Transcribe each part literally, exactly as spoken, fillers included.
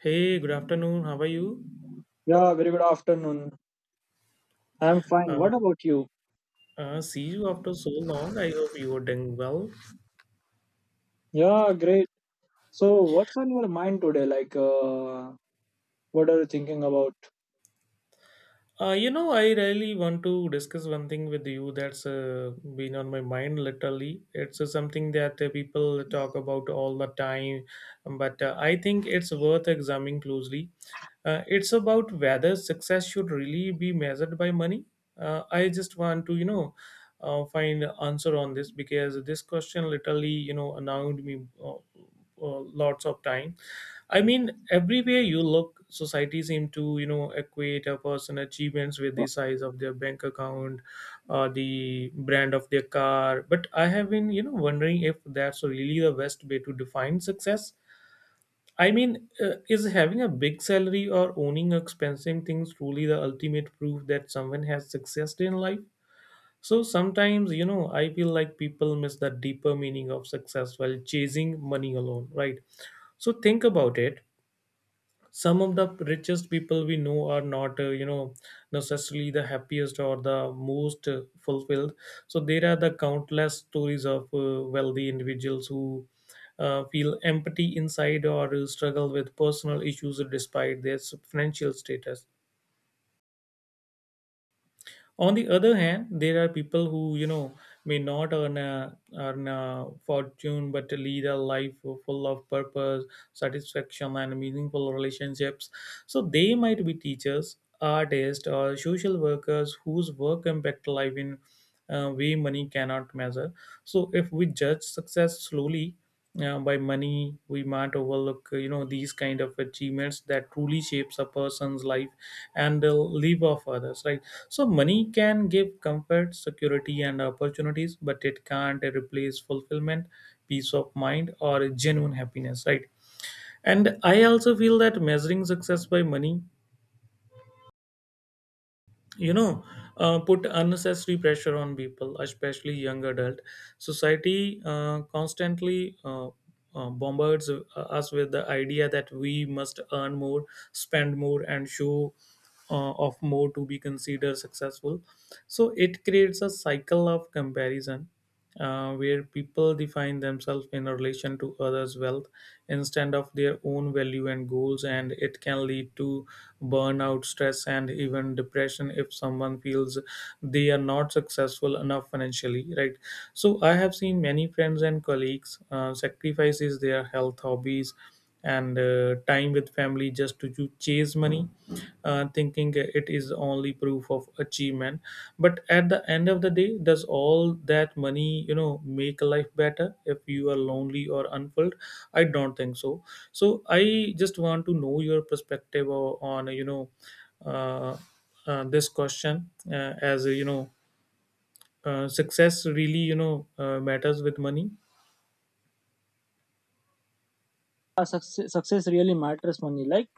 Hey, good afternoon. How are you? Yeah, very good afternoon. I'm fine. Uh, What about you? Uh, see you after so long. I hope you are doing well. Yeah, great. So, what's on your mind today? Like, uh, what are you thinking about? Uh, you know, I really want to discuss one thing with you that's uh, been on my mind literally. It's uh, something that uh, people talk about all the time, but uh, I think it's worth examining closely. Uh, it's about whether success should really be measured by money. Uh, I just want to, you know, uh, find answer on this because this question literally, you know, annoyed me uh, uh, lots of time. I mean, everywhere you look, society seem to, you know, equate a person' achievements with the size of their bank account, uh, the brand of their car. But I have been, you know, wondering if that's really the best way to define success. I mean, uh, is having a big salary or owning expensive things truly the ultimate proof that someone has success in life? So sometimes, you know, I feel like people miss the deeper meaning of success while chasing money alone, right? So think about it, some of the richest people we know are not uh, you know necessarily the happiest or the most uh, fulfilled. So there are the countless stories of uh, wealthy individuals who uh, feel empty inside or struggle with personal issues despite their financial status. On the other hand, there are people who, you know, may not earn a, earn a fortune but lead a life full of purpose, satisfaction, and meaningful relationships. So they might be teachers, artists, or social workers whose work impact life in a way money cannot measure. So if we judge success slowly uh, by money, we might overlook, uh, you know these kind of achievements that truly shapes a person's life and the life of others, right? So, money can give comfort, security, and opportunities, but it can't replace fulfillment, peace of mind, or genuine happiness, right? And I also feel that measuring success by money, you know uh, put unnecessary pressure on people, especially young adult. Society uh, constantly uh, uh, bombards uh, us with the idea that we must earn more, spend more, and show uh, of more to be considered successful. So it creates a cycle of comparison, uh, where people define themselves in relation to others' wealth instead of their own value and goals, and it can lead to burnout, stress, and even depression if someone feels they are not successful enough financially, right? So, I have seen many friends and colleagues uh, sacrifices their health, hobbies, and uh, time with family just to ch- chase money, uh, thinking it is only proof of achievement. But at the end of the day, does all that money, you know, make life better if you are lonely or unfulfilled? I don't think so. So I just want to know your perspective o- on, you know, uh, uh, this question, uh, as uh, you know uh, success really, you know, uh, matters with money. Uh, success, success really matters money. Like,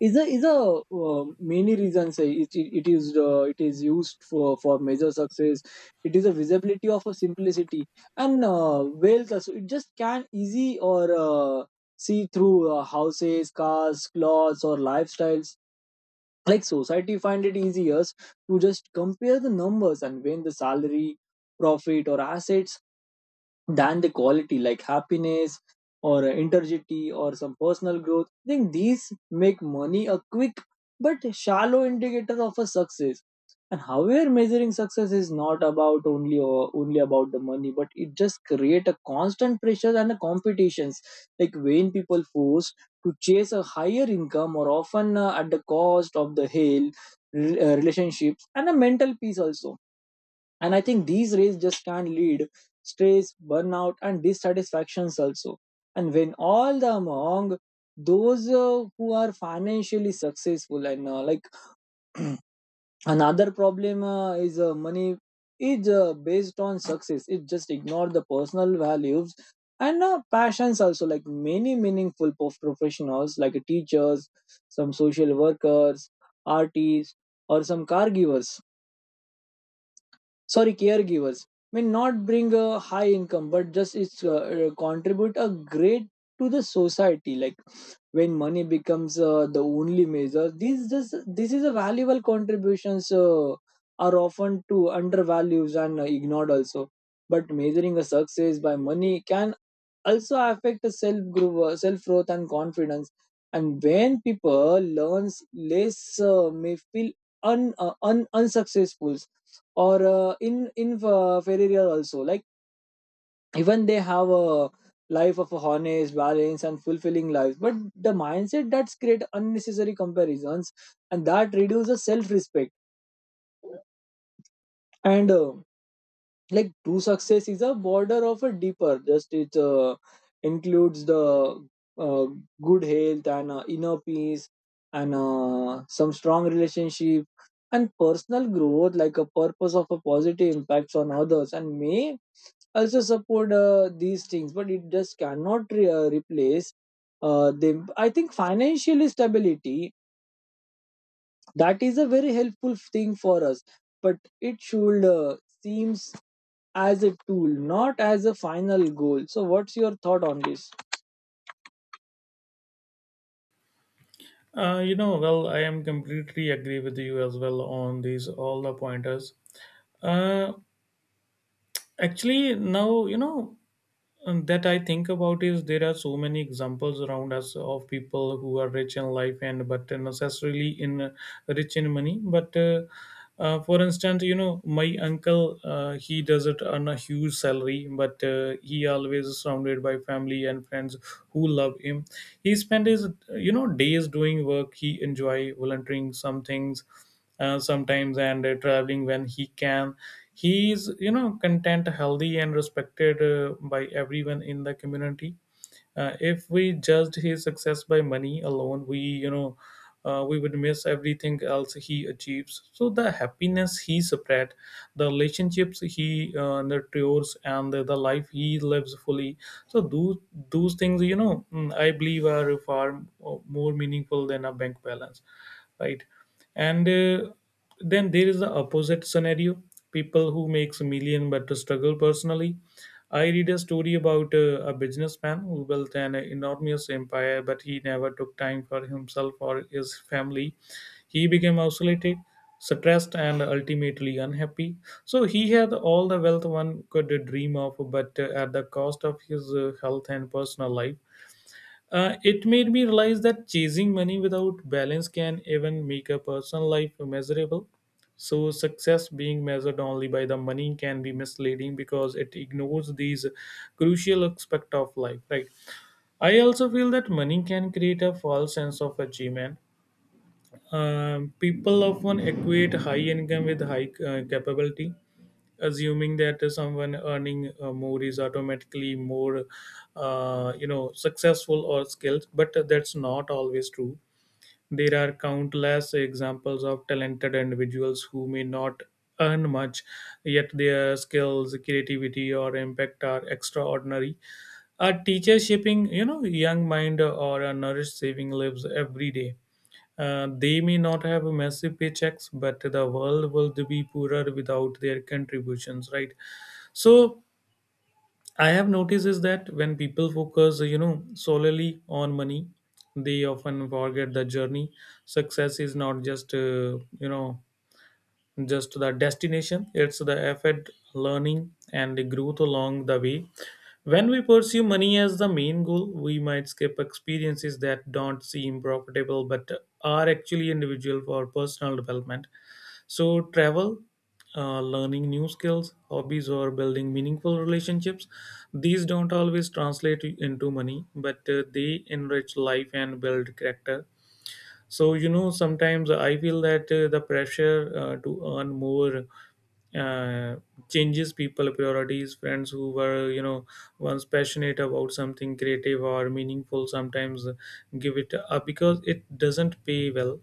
is a is a uh, many reasons. Say it, it, it is uh, it is used for for major success. It is a visibility of a simplicity and uh, wealth. Also, it just can easy or uh, see through uh, houses, cars, clothes, or lifestyles like society find it easier to just compare the numbers and when the salary profit or assets than the quality like happiness or uh, integrity or some personal growth. I think these make money a quick but shallow indicator of a success. And however, measuring success is not about only or only about the money, but it just create a constant pressure and a competitions. Like when people forced to chase a higher income, or often uh, at the cost of the health, re- uh, relationships, and a mental peace also, and I think these rates just can lead stress, burnout, and dissatisfactions also. And when all the among those uh, who are financially successful and uh, like another problem uh, is uh, money is uh, based on success, it just ignore the personal values and uh, passions also, like many meaningful prof- professionals like teachers, some social workers, artists, or some caregivers, sorry, caregivers may not bring a high income but just it's uh, uh, contribute a great to the society. Like when money becomes uh, the only measure, these just this is a valuable contributions uh, are often to undervalues and uh, ignored also. But measuring a success by money can also affect self growth self growth and confidence. And when people learns less, uh, may feel un, uh, un unsuccessful or uh, in in uh, failure also, like even they have a life of a honest balance and fulfilling life, but the mindset that's create unnecessary comparisons and that reduces self respect. And uh, like true success is a border of a deeper, just it uh, includes the uh, good health and uh, inner peace and uh, some strong relationship and personal growth like a purpose of a positive impacts on others, and may also support uh, these things, but it just cannot re- uh, replace uh, them. I think financial stability, that is a very helpful thing for us, but it should uh, seems as a tool, not as a final goal. So, what's your thought on this? Uh, you know, well, I am completely agree with you as well on these all the pointers. Uh, actually, now you know and that I think about is there are so many examples around us of people who are rich in life and but necessarily in uh, rich in money. But uh, uh, for instance, you know, my uncle uh, he doesn't earn a huge salary, but uh, he always is surrounded by family and friends who love him. He spent his, you know, days doing work he enjoy, volunteering some things uh, sometimes, and uh, traveling when he can. He is, you know, content, healthy, and respected uh, by everyone in the community. uh, if we judged his success by money alone, we, you know uh, we would miss everything else he achieves. So the happiness he spread, the relationships he uh, nurtures, and the, the life he lives fully. So those those things, you know, mm, I believe are far uh, more meaningful than a bank balance, right? And uh, then there is the opposite scenario, people who makes a million but struggle personally. I read a story about uh, a businessman who built an enormous empire, but he never took time for himself or his family. He became isolated, stressed, and ultimately unhappy. So he had all the wealth one could dream of, but uh, at the cost of his uh, health and personal life. uh, it made me realize that chasing money without balance can even make a personal life miserable. So, success being measured only by the money can be misleading because it ignores these crucial aspect of life. Right. I also feel that money can create a false sense of achievement. Um, people often equate high income with high uh, capability, assuming that someone earning uh, more is automatically more uh, you know successful or skilled, but that's not always true. There are countless examples of talented individuals who may not earn much, yet their skills, creativity, or impact are extraordinary. A teacher shaping, you know, young mind, or a nourish saving lives every day, uh, they may not have massive paychecks, but the world will be poorer without their contributions, right? So, I have noticed is that when people focus, you know, solely on money, they often forget the journey. Success is not just, uh, you know, just the destination. It's the effort, learning, and the growth along the way. When we pursue money as the main goal, we might skip experiences that don't seem profitable but are actually individual for personal development. So travel, uh, learning new skills, hobbies, or building meaningful relationships, these don't always translate into money, but uh, they enrich life and build character. So, you know, sometimes I feel that uh, the pressure uh, to earn more uh, changes people priorities. Friends who were, you know, once passionate about something creative or meaningful, sometimes give it up because it doesn't pay well.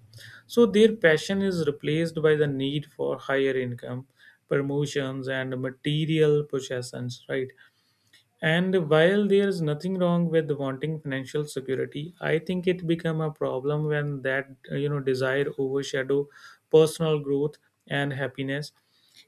So their passion is replaced by the need for higher income, promotions, and material possessions, right? And while there is nothing wrong with wanting financial security, I think it become a problem when that, uh, you know desire overshadow personal growth and happiness.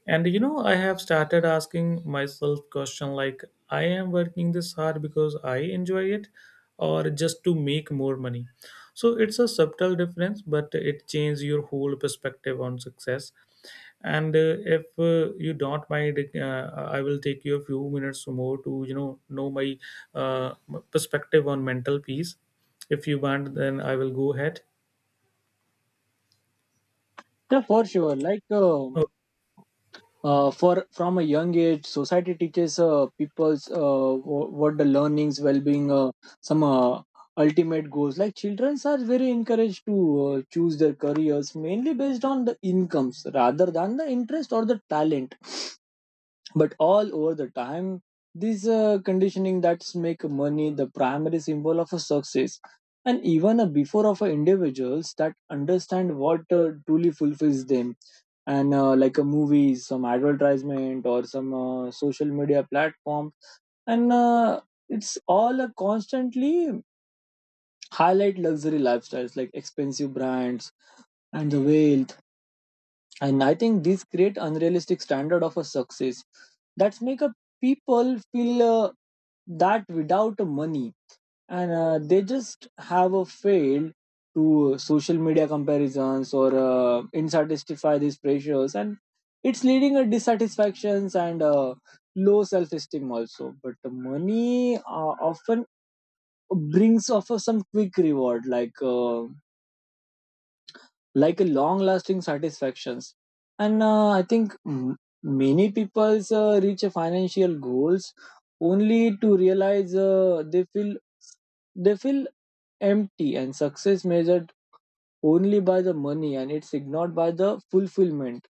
And you know, I have started asking myself question like, I am working this hard because I enjoy it, or just to make more money? So it's a subtle difference, but it changes your whole perspective on success. And uh, if uh, you don't mind, uh, I will take you a few minutes more to, you know know my uh, perspective on mental peace. If you want, then I will go ahead. Yeah, for sure. Like uh, Oh, uh, for from a young age, society teaches uh, people's, uh, wh- what the learnings, well-being, uh, some uh, ultimate goals. Like children are very encouraged to uh, choose their careers mainly based on the incomes rather than the interest or the talent. But all over the time, this uh, conditioning that's make money the primary symbol of a success, and even a before of a individuals that understand what uh, truly fulfills them. And uh, like a movie, some advertisement or some uh, social media platform, and uh, it's all a constantly highlight luxury lifestyles like expensive brands and the wealth. And I think these create unrealistic standard of a success that's make a people feel uh, that without money, and uh, they just have a failed to uh, social media comparisons or uh, insatisfy these pressures. And it's leading a dissatisfactions and uh, low self-esteem also. But the money uh, often brings offer some quick reward like uh, like a long lasting satisfactions. And uh, I think m- many people uh, reach a financial goals only to realize uh, they feel they feel empty. And success measured only by the money, and it's ignored by the fulfillment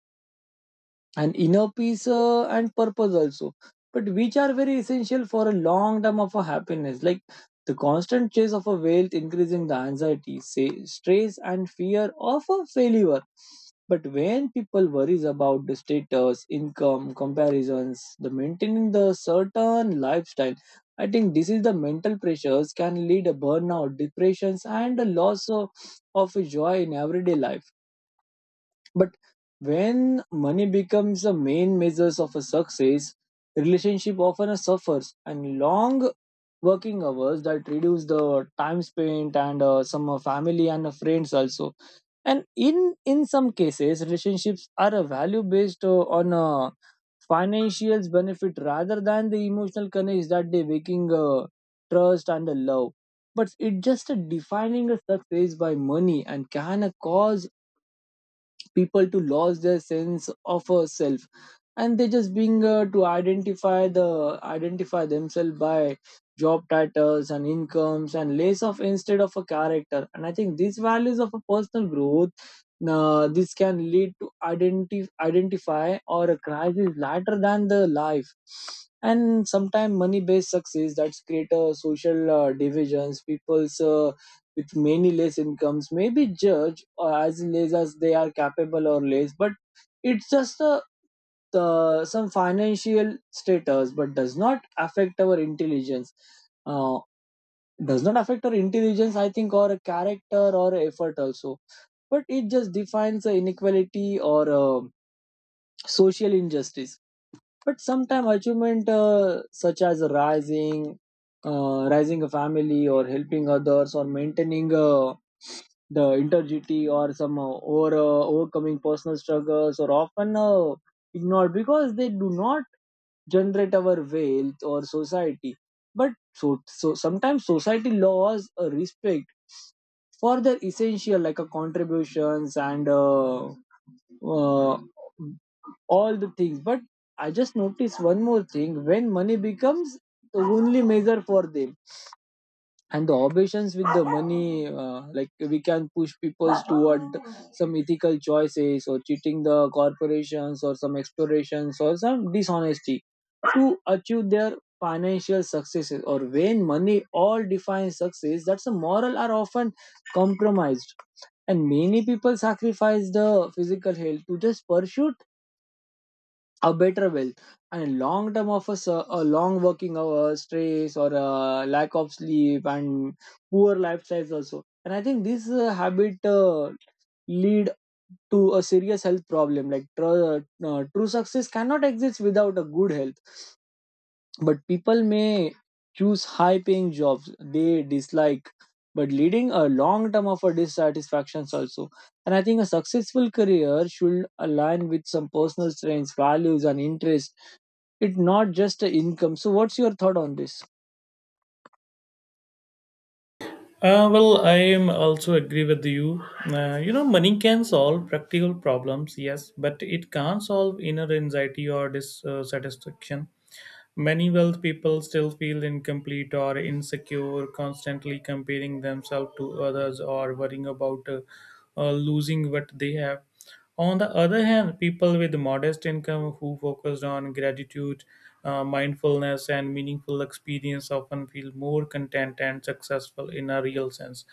and inner peace uh, and purpose also, but which are very essential for a long term of a happiness. Like the constant chase of a wealth increasing the anxiety, say stress and fear of a failure. But when people worries about the status income comparisons, the maintaining the certain lifestyle, I think this is the mental pressures can lead a burnout, depressions, and a loss of, of joy in everyday life. But when money becomes the main measures of a success, relationship often suffers, and long working hours that reduce the time spent and uh, some uh, family and uh, friends also. And in in some cases, relationships are a value based uh, on uh, financial benefit rather than the emotional connects that they waking uh, trust and the love. But it just uh, defining a success by money and can uh, cause people to lose their sense of a self. And they just being uh, to identify the identify themselves by job titles and incomes and less of instead of a character. And I think these values of a personal growth, uh, this can lead to identif- identify or a crisis later than the life. And sometimes money based success that's create a social uh, divisions, people's uh, with many less incomes may be judged uh, as less as they are capable or less. But it's just a the, some financial status, but does not affect our intelligence, uh, does not affect our intelligence I think, or a character or effort also. But it just defines the inequality or uh, social injustice. But sometimes achievement uh, such as rising, uh, rising a family or helping others or maintaining uh, the integrity or some uh, or uh, overcoming personal struggles or often uh, ignored because they do not generate our wealth or society. But so, so sometimes society laws uh, respect for their essential like a contributions and uh, uh, all the things. But I just noticed one more thing, when money becomes the only measure for them and the obsessions with the money, uh, like we can push people toward some ethical choices or cheating the corporations or some explorations or some dishonesty to achieve their financial successes. Or when money all defines success, that's a moral are often compromised. And many people sacrifice the physical health to just pursue a better wealth, and long term of a a long working hours, stress, or a lack of sleep and poor lifestyles also. And I think this uh, habit uh, lead to a serious health problem, like tr- uh, uh, true success cannot exist without a good health. But people may choose high paying jobs they dislike, but leading a long term of a dissatisfactions also. And I think a successful career should align with some personal strengths, values, and interests. It's not just a income. So, what's your thought on this? Uh, well, I am also agree with you. Uh, you know, money can solve practical problems, yes, but it can't solve inner anxiety or dissatisfaction. Many wealth people still feel incomplete or insecure, constantly comparing themselves to others, or worrying about uh, uh, losing what they have. On the other hand, people with modest income who focused on gratitude, uh, mindfulness, and meaningful experience often feel more content and successful in a real sense.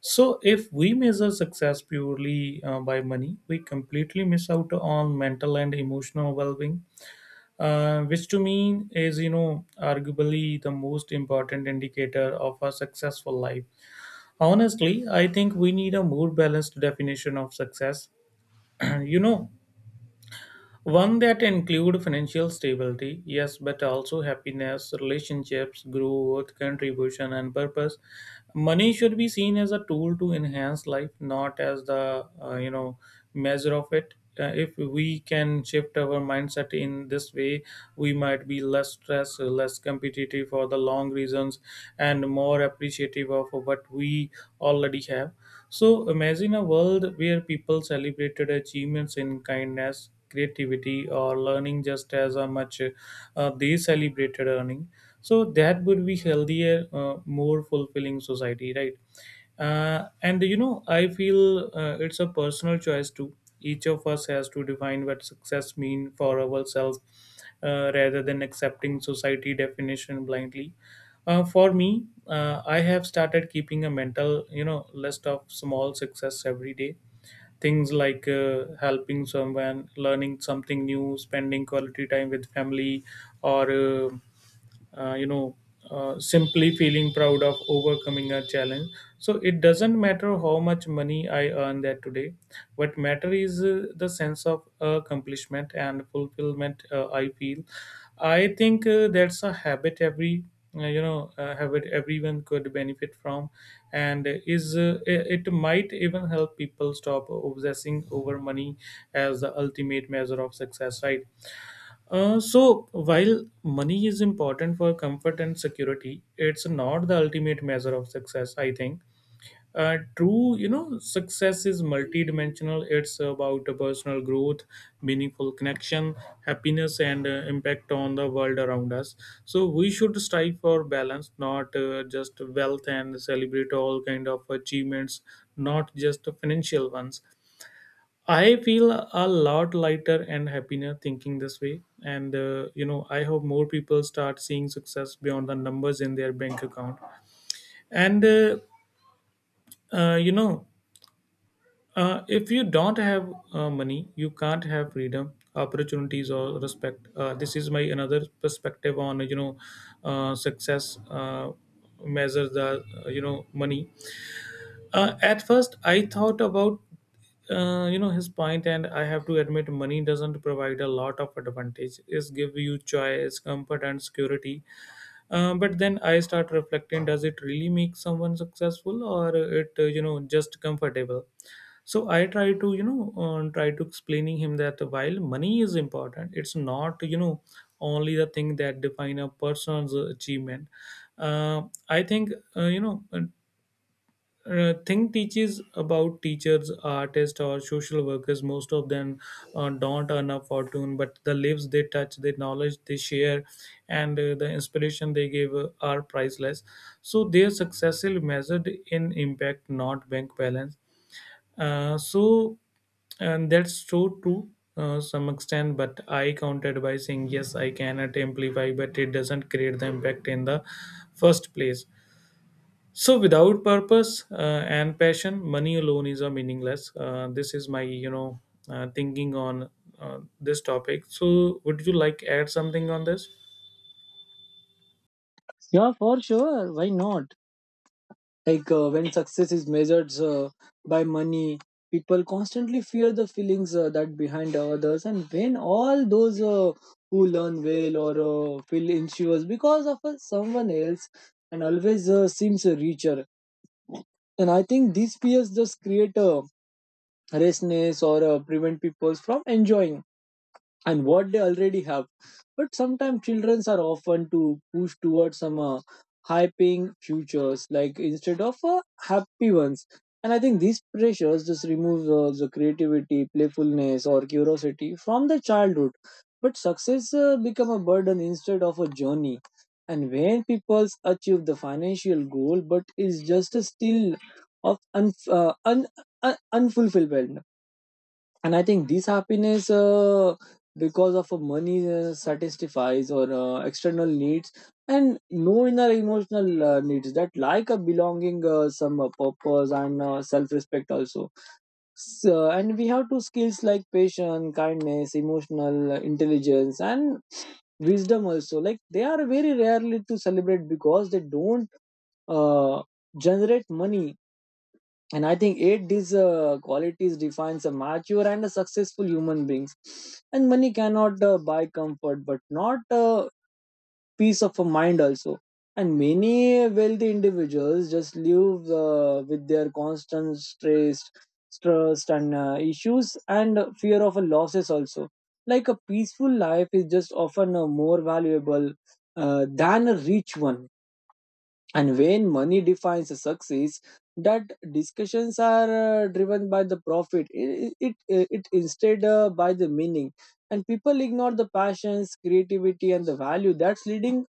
So, if we measure success purely uh, by money, we completely miss out on mental and emotional well being, uh, which to me is, you know, arguably the most important indicator of a successful life. Honestly, I think we need a more balanced definition of success, you know, one that include financial stability, yes, but also happiness, relationships, growth, contribution, and purpose. Money should be seen as a tool to enhance life, not as the, uh, you know measure of it. Uh, if we can shift our mindset in this way, we might be less stressed, less competitive for the long reasons, and more appreciative of what we already have. So imagine a world where people celebrated achievements in kindness, creativity, or learning just as uh, much uh, they celebrated earning. So that would be healthier, uh, more fulfilling society, right? Uh, and you know, I feel uh, it's a personal choice too. Each of us has to define what success means for ourselves, uh, rather than accepting society definition blindly. Uh, for me, uh, I have started keeping a mental, you know, list of small success every day. Things like uh, helping someone, learning something new, spending quality time with family, or uh, uh, you know uh, simply feeling proud of overcoming a challenge. So it doesn't matter how much money I earn that today. What matter is uh, the sense of accomplishment and fulfillment uh, I feel. I think uh, that's a habit every uh, you know uh, habit everyone could benefit from, and is, uh, it it might even help people stop obsessing over money as the ultimate measure of success, right? uh, so, while money is important for comfort and security, it's not the ultimate measure of success, I think. Uh, true, you know, success is multidimensional. It's about personal growth, meaningful connection, happiness, and uh, impact on the world around us. So we should strive for balance, not uh, just wealth, and celebrate all kind of achievements, not just financial ones. I feel a lot lighter and happier thinking this way. And, uh, you know, I hope more people start seeing success beyond the numbers in their bank account. And, uh, uh, you know, uh, if you don't have uh, money, you can't have freedom, opportunities, or respect. Uh, this is my another perspective on, you know, uh, success uh, measures the, uh, you know, money. Uh, at first, I thought about uh, you know his point, and I have to admit, money doesn't provide a lot of advantage. It's give you choice, comfort, and security. Uh, but then I start reflecting: does it really make someone successful, or it uh, you know just comfortable? So I try to you know uh, try to explaining him that while money is important, it's not you know only the thing that define a person's achievement. Uh, I think uh, you know uh, think teaches about teachers, artists, or social workers. Most of them uh, don't earn a fortune, but the lives they touch, the knowledge they share, and uh, the inspiration they give uh, are priceless. So their success is measured in impact, not bank balance. Uh, so and that's so true uh, some extent but I counted by saying yes I can at amplify but it doesn't create the impact in the first place. So without purpose uh, and passion money alone is a meaningless. Uh, this is my you know uh, thinking on uh, this topic. So would you like add something on this? Yeah, for sure, why not. Like uh, when success is measured uh, by money, people constantly fear the feelings uh, that behind others. And when all those uh, who learn well or uh, feel insures because of uh, someone else and always uh, seems richer. And I think these fears just create a restlessness or uh, prevent people from enjoying and what they already have. But sometimes children are often to push towards some uh, hyping futures, like instead of uh, happy ones. And I think these pressures just remove uh, the creativity, playfulness, or curiosity from the childhood. But success uh, become a burden instead of a journey. And when people achieve the financial goal, but is just still of un- uh, un- un- unfulfilled. And I think this happiness uh, because of uh, money uh, satisfies or uh, external needs, and no inner emotional uh, needs that like a belonging, uh, some uh, purpose and uh, self respect also. So, and we have two skills like patience, kindness, emotional intelligence, and wisdom also, like they are very rarely to celebrate because they don't uh, generate money. And I think eight these uh, qualities defines a mature and a successful human beings. And money cannot uh, buy comfort but not uh, peace of a mind also. And many wealthy individuals just live uh, with their constant stress stress and uh, issues and fear of losses also. Like a peaceful life is just often uh, more valuable uh, than a rich one. And when money defines a success, that discussions are uh, driven by the profit. It, it, it it instead uh, by the meaning, and people ignore the passions, creativity, and the value that's leading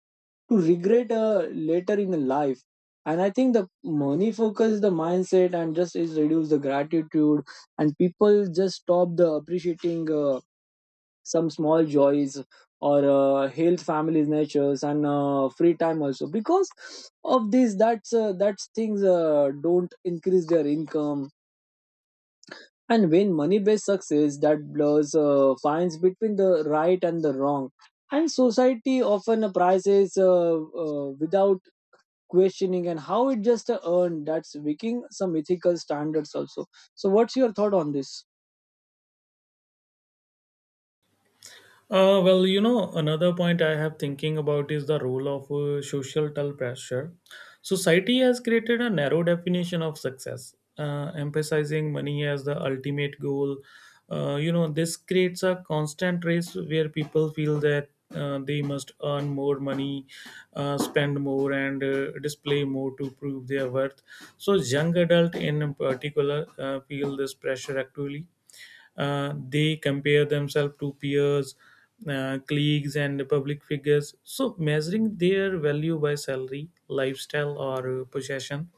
to regret uh, later in life. And I think the money focus the mindset, and just is reduce the gratitude, and people just stop the appreciating. Uh, some small joys or uh, health, families, natures, and uh, free time also, because of this that's uh, that's things uh, don't increase their income. And when money based success that blurs uh, fines between the right and the wrong, and society often prizes uh, uh, without questioning and how it just uh, earned, that's weakening some ethical standards also. So, what's your thought on this? Uh, well, you know, another point I have thinking about is the role of uh, societal pressure. Society has created a narrow definition of success, uh, emphasizing money as the ultimate goal. Uh, you know, this creates a constant race where people feel that uh, they must earn more money, uh, spend more, and uh, display more to prove their worth. So, young adult in particular uh, feel this pressure actively. Uh, they compare themselves to peers, uh, colleagues and public figures, so measuring their value by salary lifestyle or uh, possession.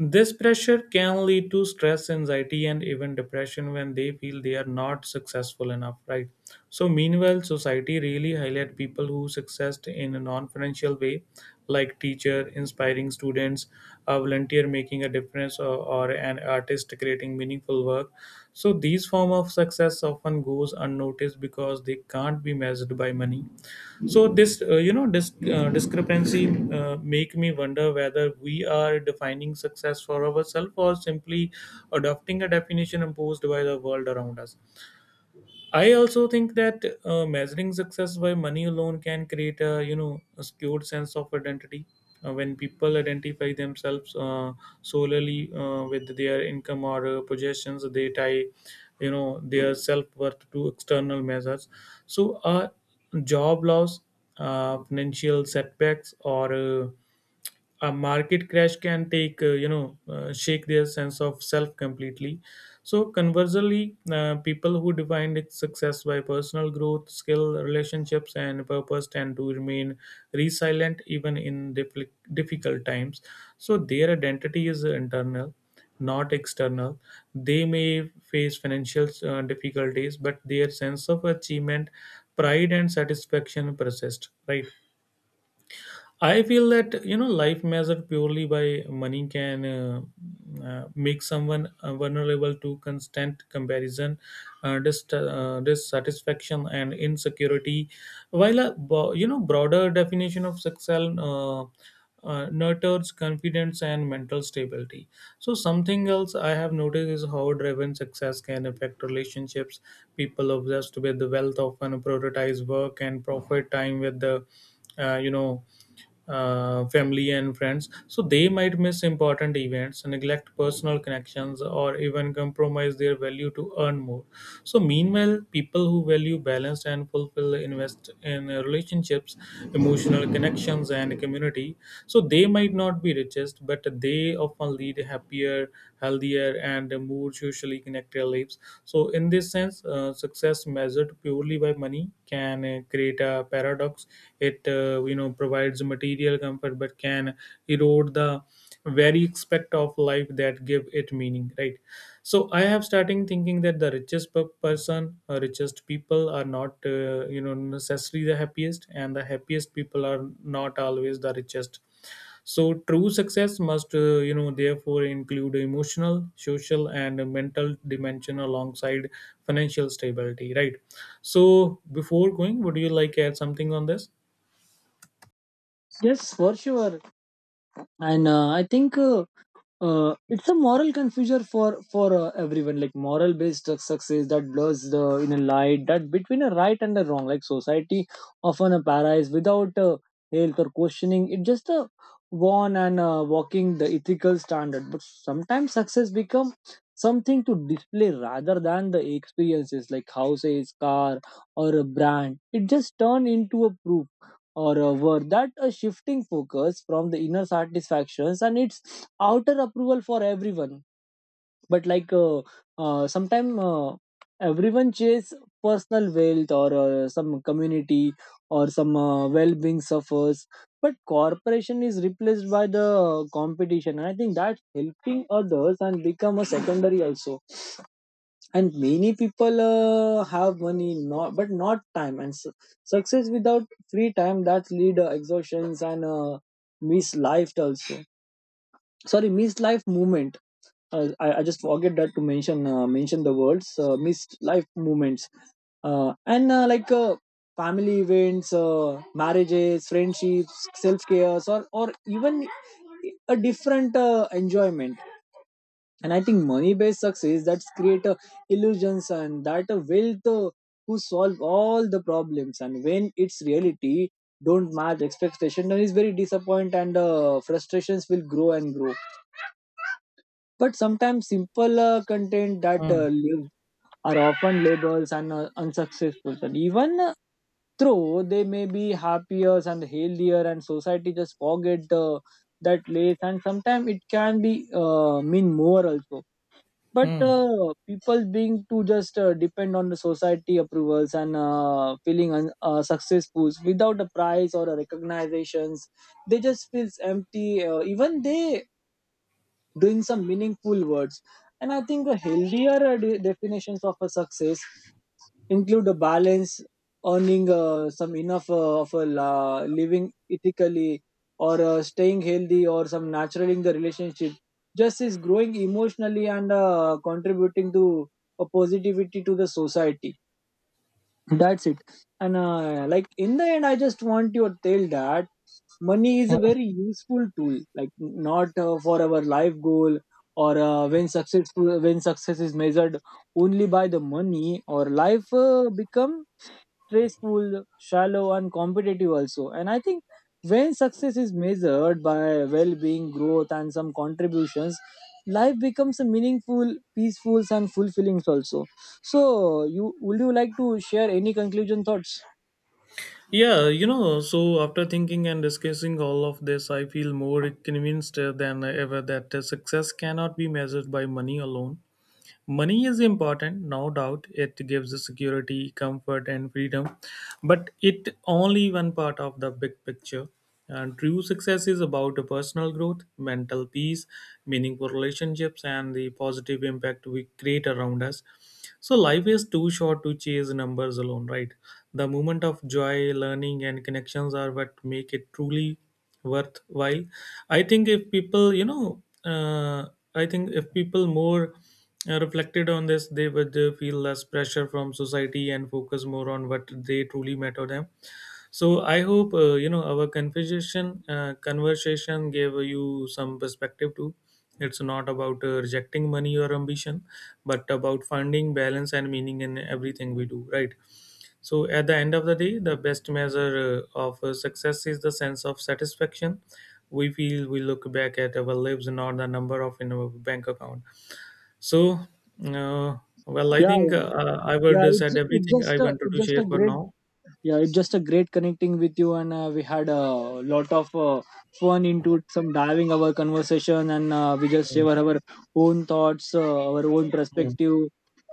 This pressure can lead to stress, anxiety, and even depression when they feel they are not successful enough, right? So, meanwhile, society really highlight people who success in a non-financial way, like teacher inspiring students, a volunteer making a difference, or, or an artist creating meaningful work. So, these form of success often goes unnoticed because they can't be measured by money. So this uh, you know dis- uh, discrepancy uh, make me wonder whether we are defining success for ourselves or simply adopting a definition imposed by the world around us. I also think that uh, measuring success by money alone can create a you know a skewed sense of identity. Uh, when people identify themselves uh, solely uh, with their income or uh, possessions, they tie you know their self worth to external measures. So, uh, job loss, uh, financial setbacks, or uh, a market crash can take uh, you know uh, shake their sense of self completely. So conversely uh, people who define its success by personal growth skill relationships and purpose tend to remain resilient even in diffi- difficult times. So their identity is internal, not external. They may face financial uh, difficulties but their sense of achievement, pride and satisfaction persist, right? I feel that you know life measured purely by money can uh, uh, make someone uh, vulnerable to constant comparison, uh, dis- uh, dissatisfaction, and insecurity. While a bo- you know broader definition of success uh, uh, nurtures confidence and mental stability. So something else I have noticed is how driven success can affect relationships. People obsessed with the wealth often prioritize work and profit time with the uh, you know uh, family and friends. So they might miss important events, neglect personal connections or even compromise their value to earn more. So, meanwhile, people who value balance and fulfill invest in uh, relationships, emotional connections, and community. So, they might not be richest, but they often lead happier, healthier, and more socially connected lives. So, in this sense, uh, success measured purely by money can uh, create a paradox. It uh, you know provides material comfort, but can erode the very aspect of life that give it meaning. Right. So I have starting thinking that the richest per- person uh, richest people are not uh, you know necessarily the happiest, and the happiest people are not always the richest. So true success must uh, you know therefore include emotional social and mental dimension alongside financial stability, right? So before going would you like add something on this? Yes, for sure. And uh, I think uh, uh, it's a moral confusion for for uh, everyone. Like moral based success that blurs the in a light that between a right and a wrong, like society often appears without uh, health or questioning, it just a worn and uh, walking the ethical standard. But sometimes success become something to display rather than the experiences, like houses, car, or a brand. It just turn into a proof or a word that a shifting focus from the inner satisfactions and its outer approval for everyone. But like uh, uh, sometime, uh, everyone chase personal wealth or uh, some community or some uh, well-being suffers. But corporation is replaced by the competition, and I think that helping others and become a secondary also. And many people uh, have money not, but not time. And su- success without free time that lead uh, exhaustions and uh, miss life also, sorry, miss life movement. uh, I, I just forget that to mention uh, mention the words, uh, missed life moments. Uh, and uh, like uh, family events, uh, marriages, friendships, self-cares, or or even a different uh, enjoyment. And I think money-based success that's create uh, illusions, and that uh, wealth uh, who solve all the problems. And when it's reality don't match expectation, then is very disappoint and uh, frustrations will grow and grow. But sometimes simple uh, content that Hmm. uh, live are often labels and uh, unsuccessful. And even uh, though they may be happier and healthier, and society just forget uh, that lace. And sometimes it can be uh, mean more also. But Hmm. uh, people being to just uh, depend on the society approvals and uh, feeling un- uh, successful without a prize or a recognitions, they just feels empty. Uh, even they doing some meaningful words. And I think a healthier uh, de- definitions of a success include a balance, earning uh, some enough uh, of a la- living ethically, or uh, staying healthy, or some natural in the relationship. Just is growing emotionally and uh, contributing to a positivity to the society. That's it. And uh, like in the end, I just want your tell that money is a very useful tool. Like not uh, for our life goal or uh, when successful when success is measured only by the money, or life uh, become stressful, shallow, and competitive also. And I think when success is measured by well being, growth, and some contributions, life becomes a meaningful, peaceful, and fulfilling also. So, you would you like to share any conclusion thoughts? Yeah, you know, so after thinking and discussing all of this, I feel more convinced uh, than ever that uh, success cannot be measured by money alone. Money is important, no doubt. It gives us security, comfort, and freedom, but it only one part of the big picture. And true success is about a personal growth, mental peace, meaningful relationships, and the positive impact we create around us. So life is too short to chase numbers alone, right? The moment of joy, learning, and connections are what make it truly worthwhile. I think if people, you know, uh, I think if people more uh, reflected on this, they would uh, feel less pressure from society and focus more on what they truly matter them. So I hope uh, you know our conversation uh, conversation gave you some perspective too. It's not about uh, rejecting money or ambition, but about finding balance and meaning in everything we do. Right. So at the end of the day, the best measure uh, of uh, success is the sense of satisfaction we feel we look back at our lives, not the number of in our bank account. So, uh, well, I yeah think yeah uh, I yeah would it's said it's everything I just a, wanted it's to just share a for great. now. yeah it's just a great connecting with you, and uh, we had a lot of uh, fun into some diving our conversation, and uh, we just Mm, share our own thoughts, uh, our own mm. perspective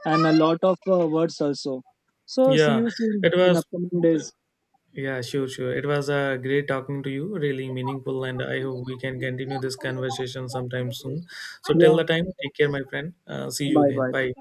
and a lot of uh, words also. So see Yeah, you soon it in was. upcoming days. Yeah, sure, sure. It was uh, great talking to you, really meaningful, and I hope we can continue this conversation sometime soon. So, till Yeah, the time, take care, my friend. Uh, see you bye again. bye. Bye.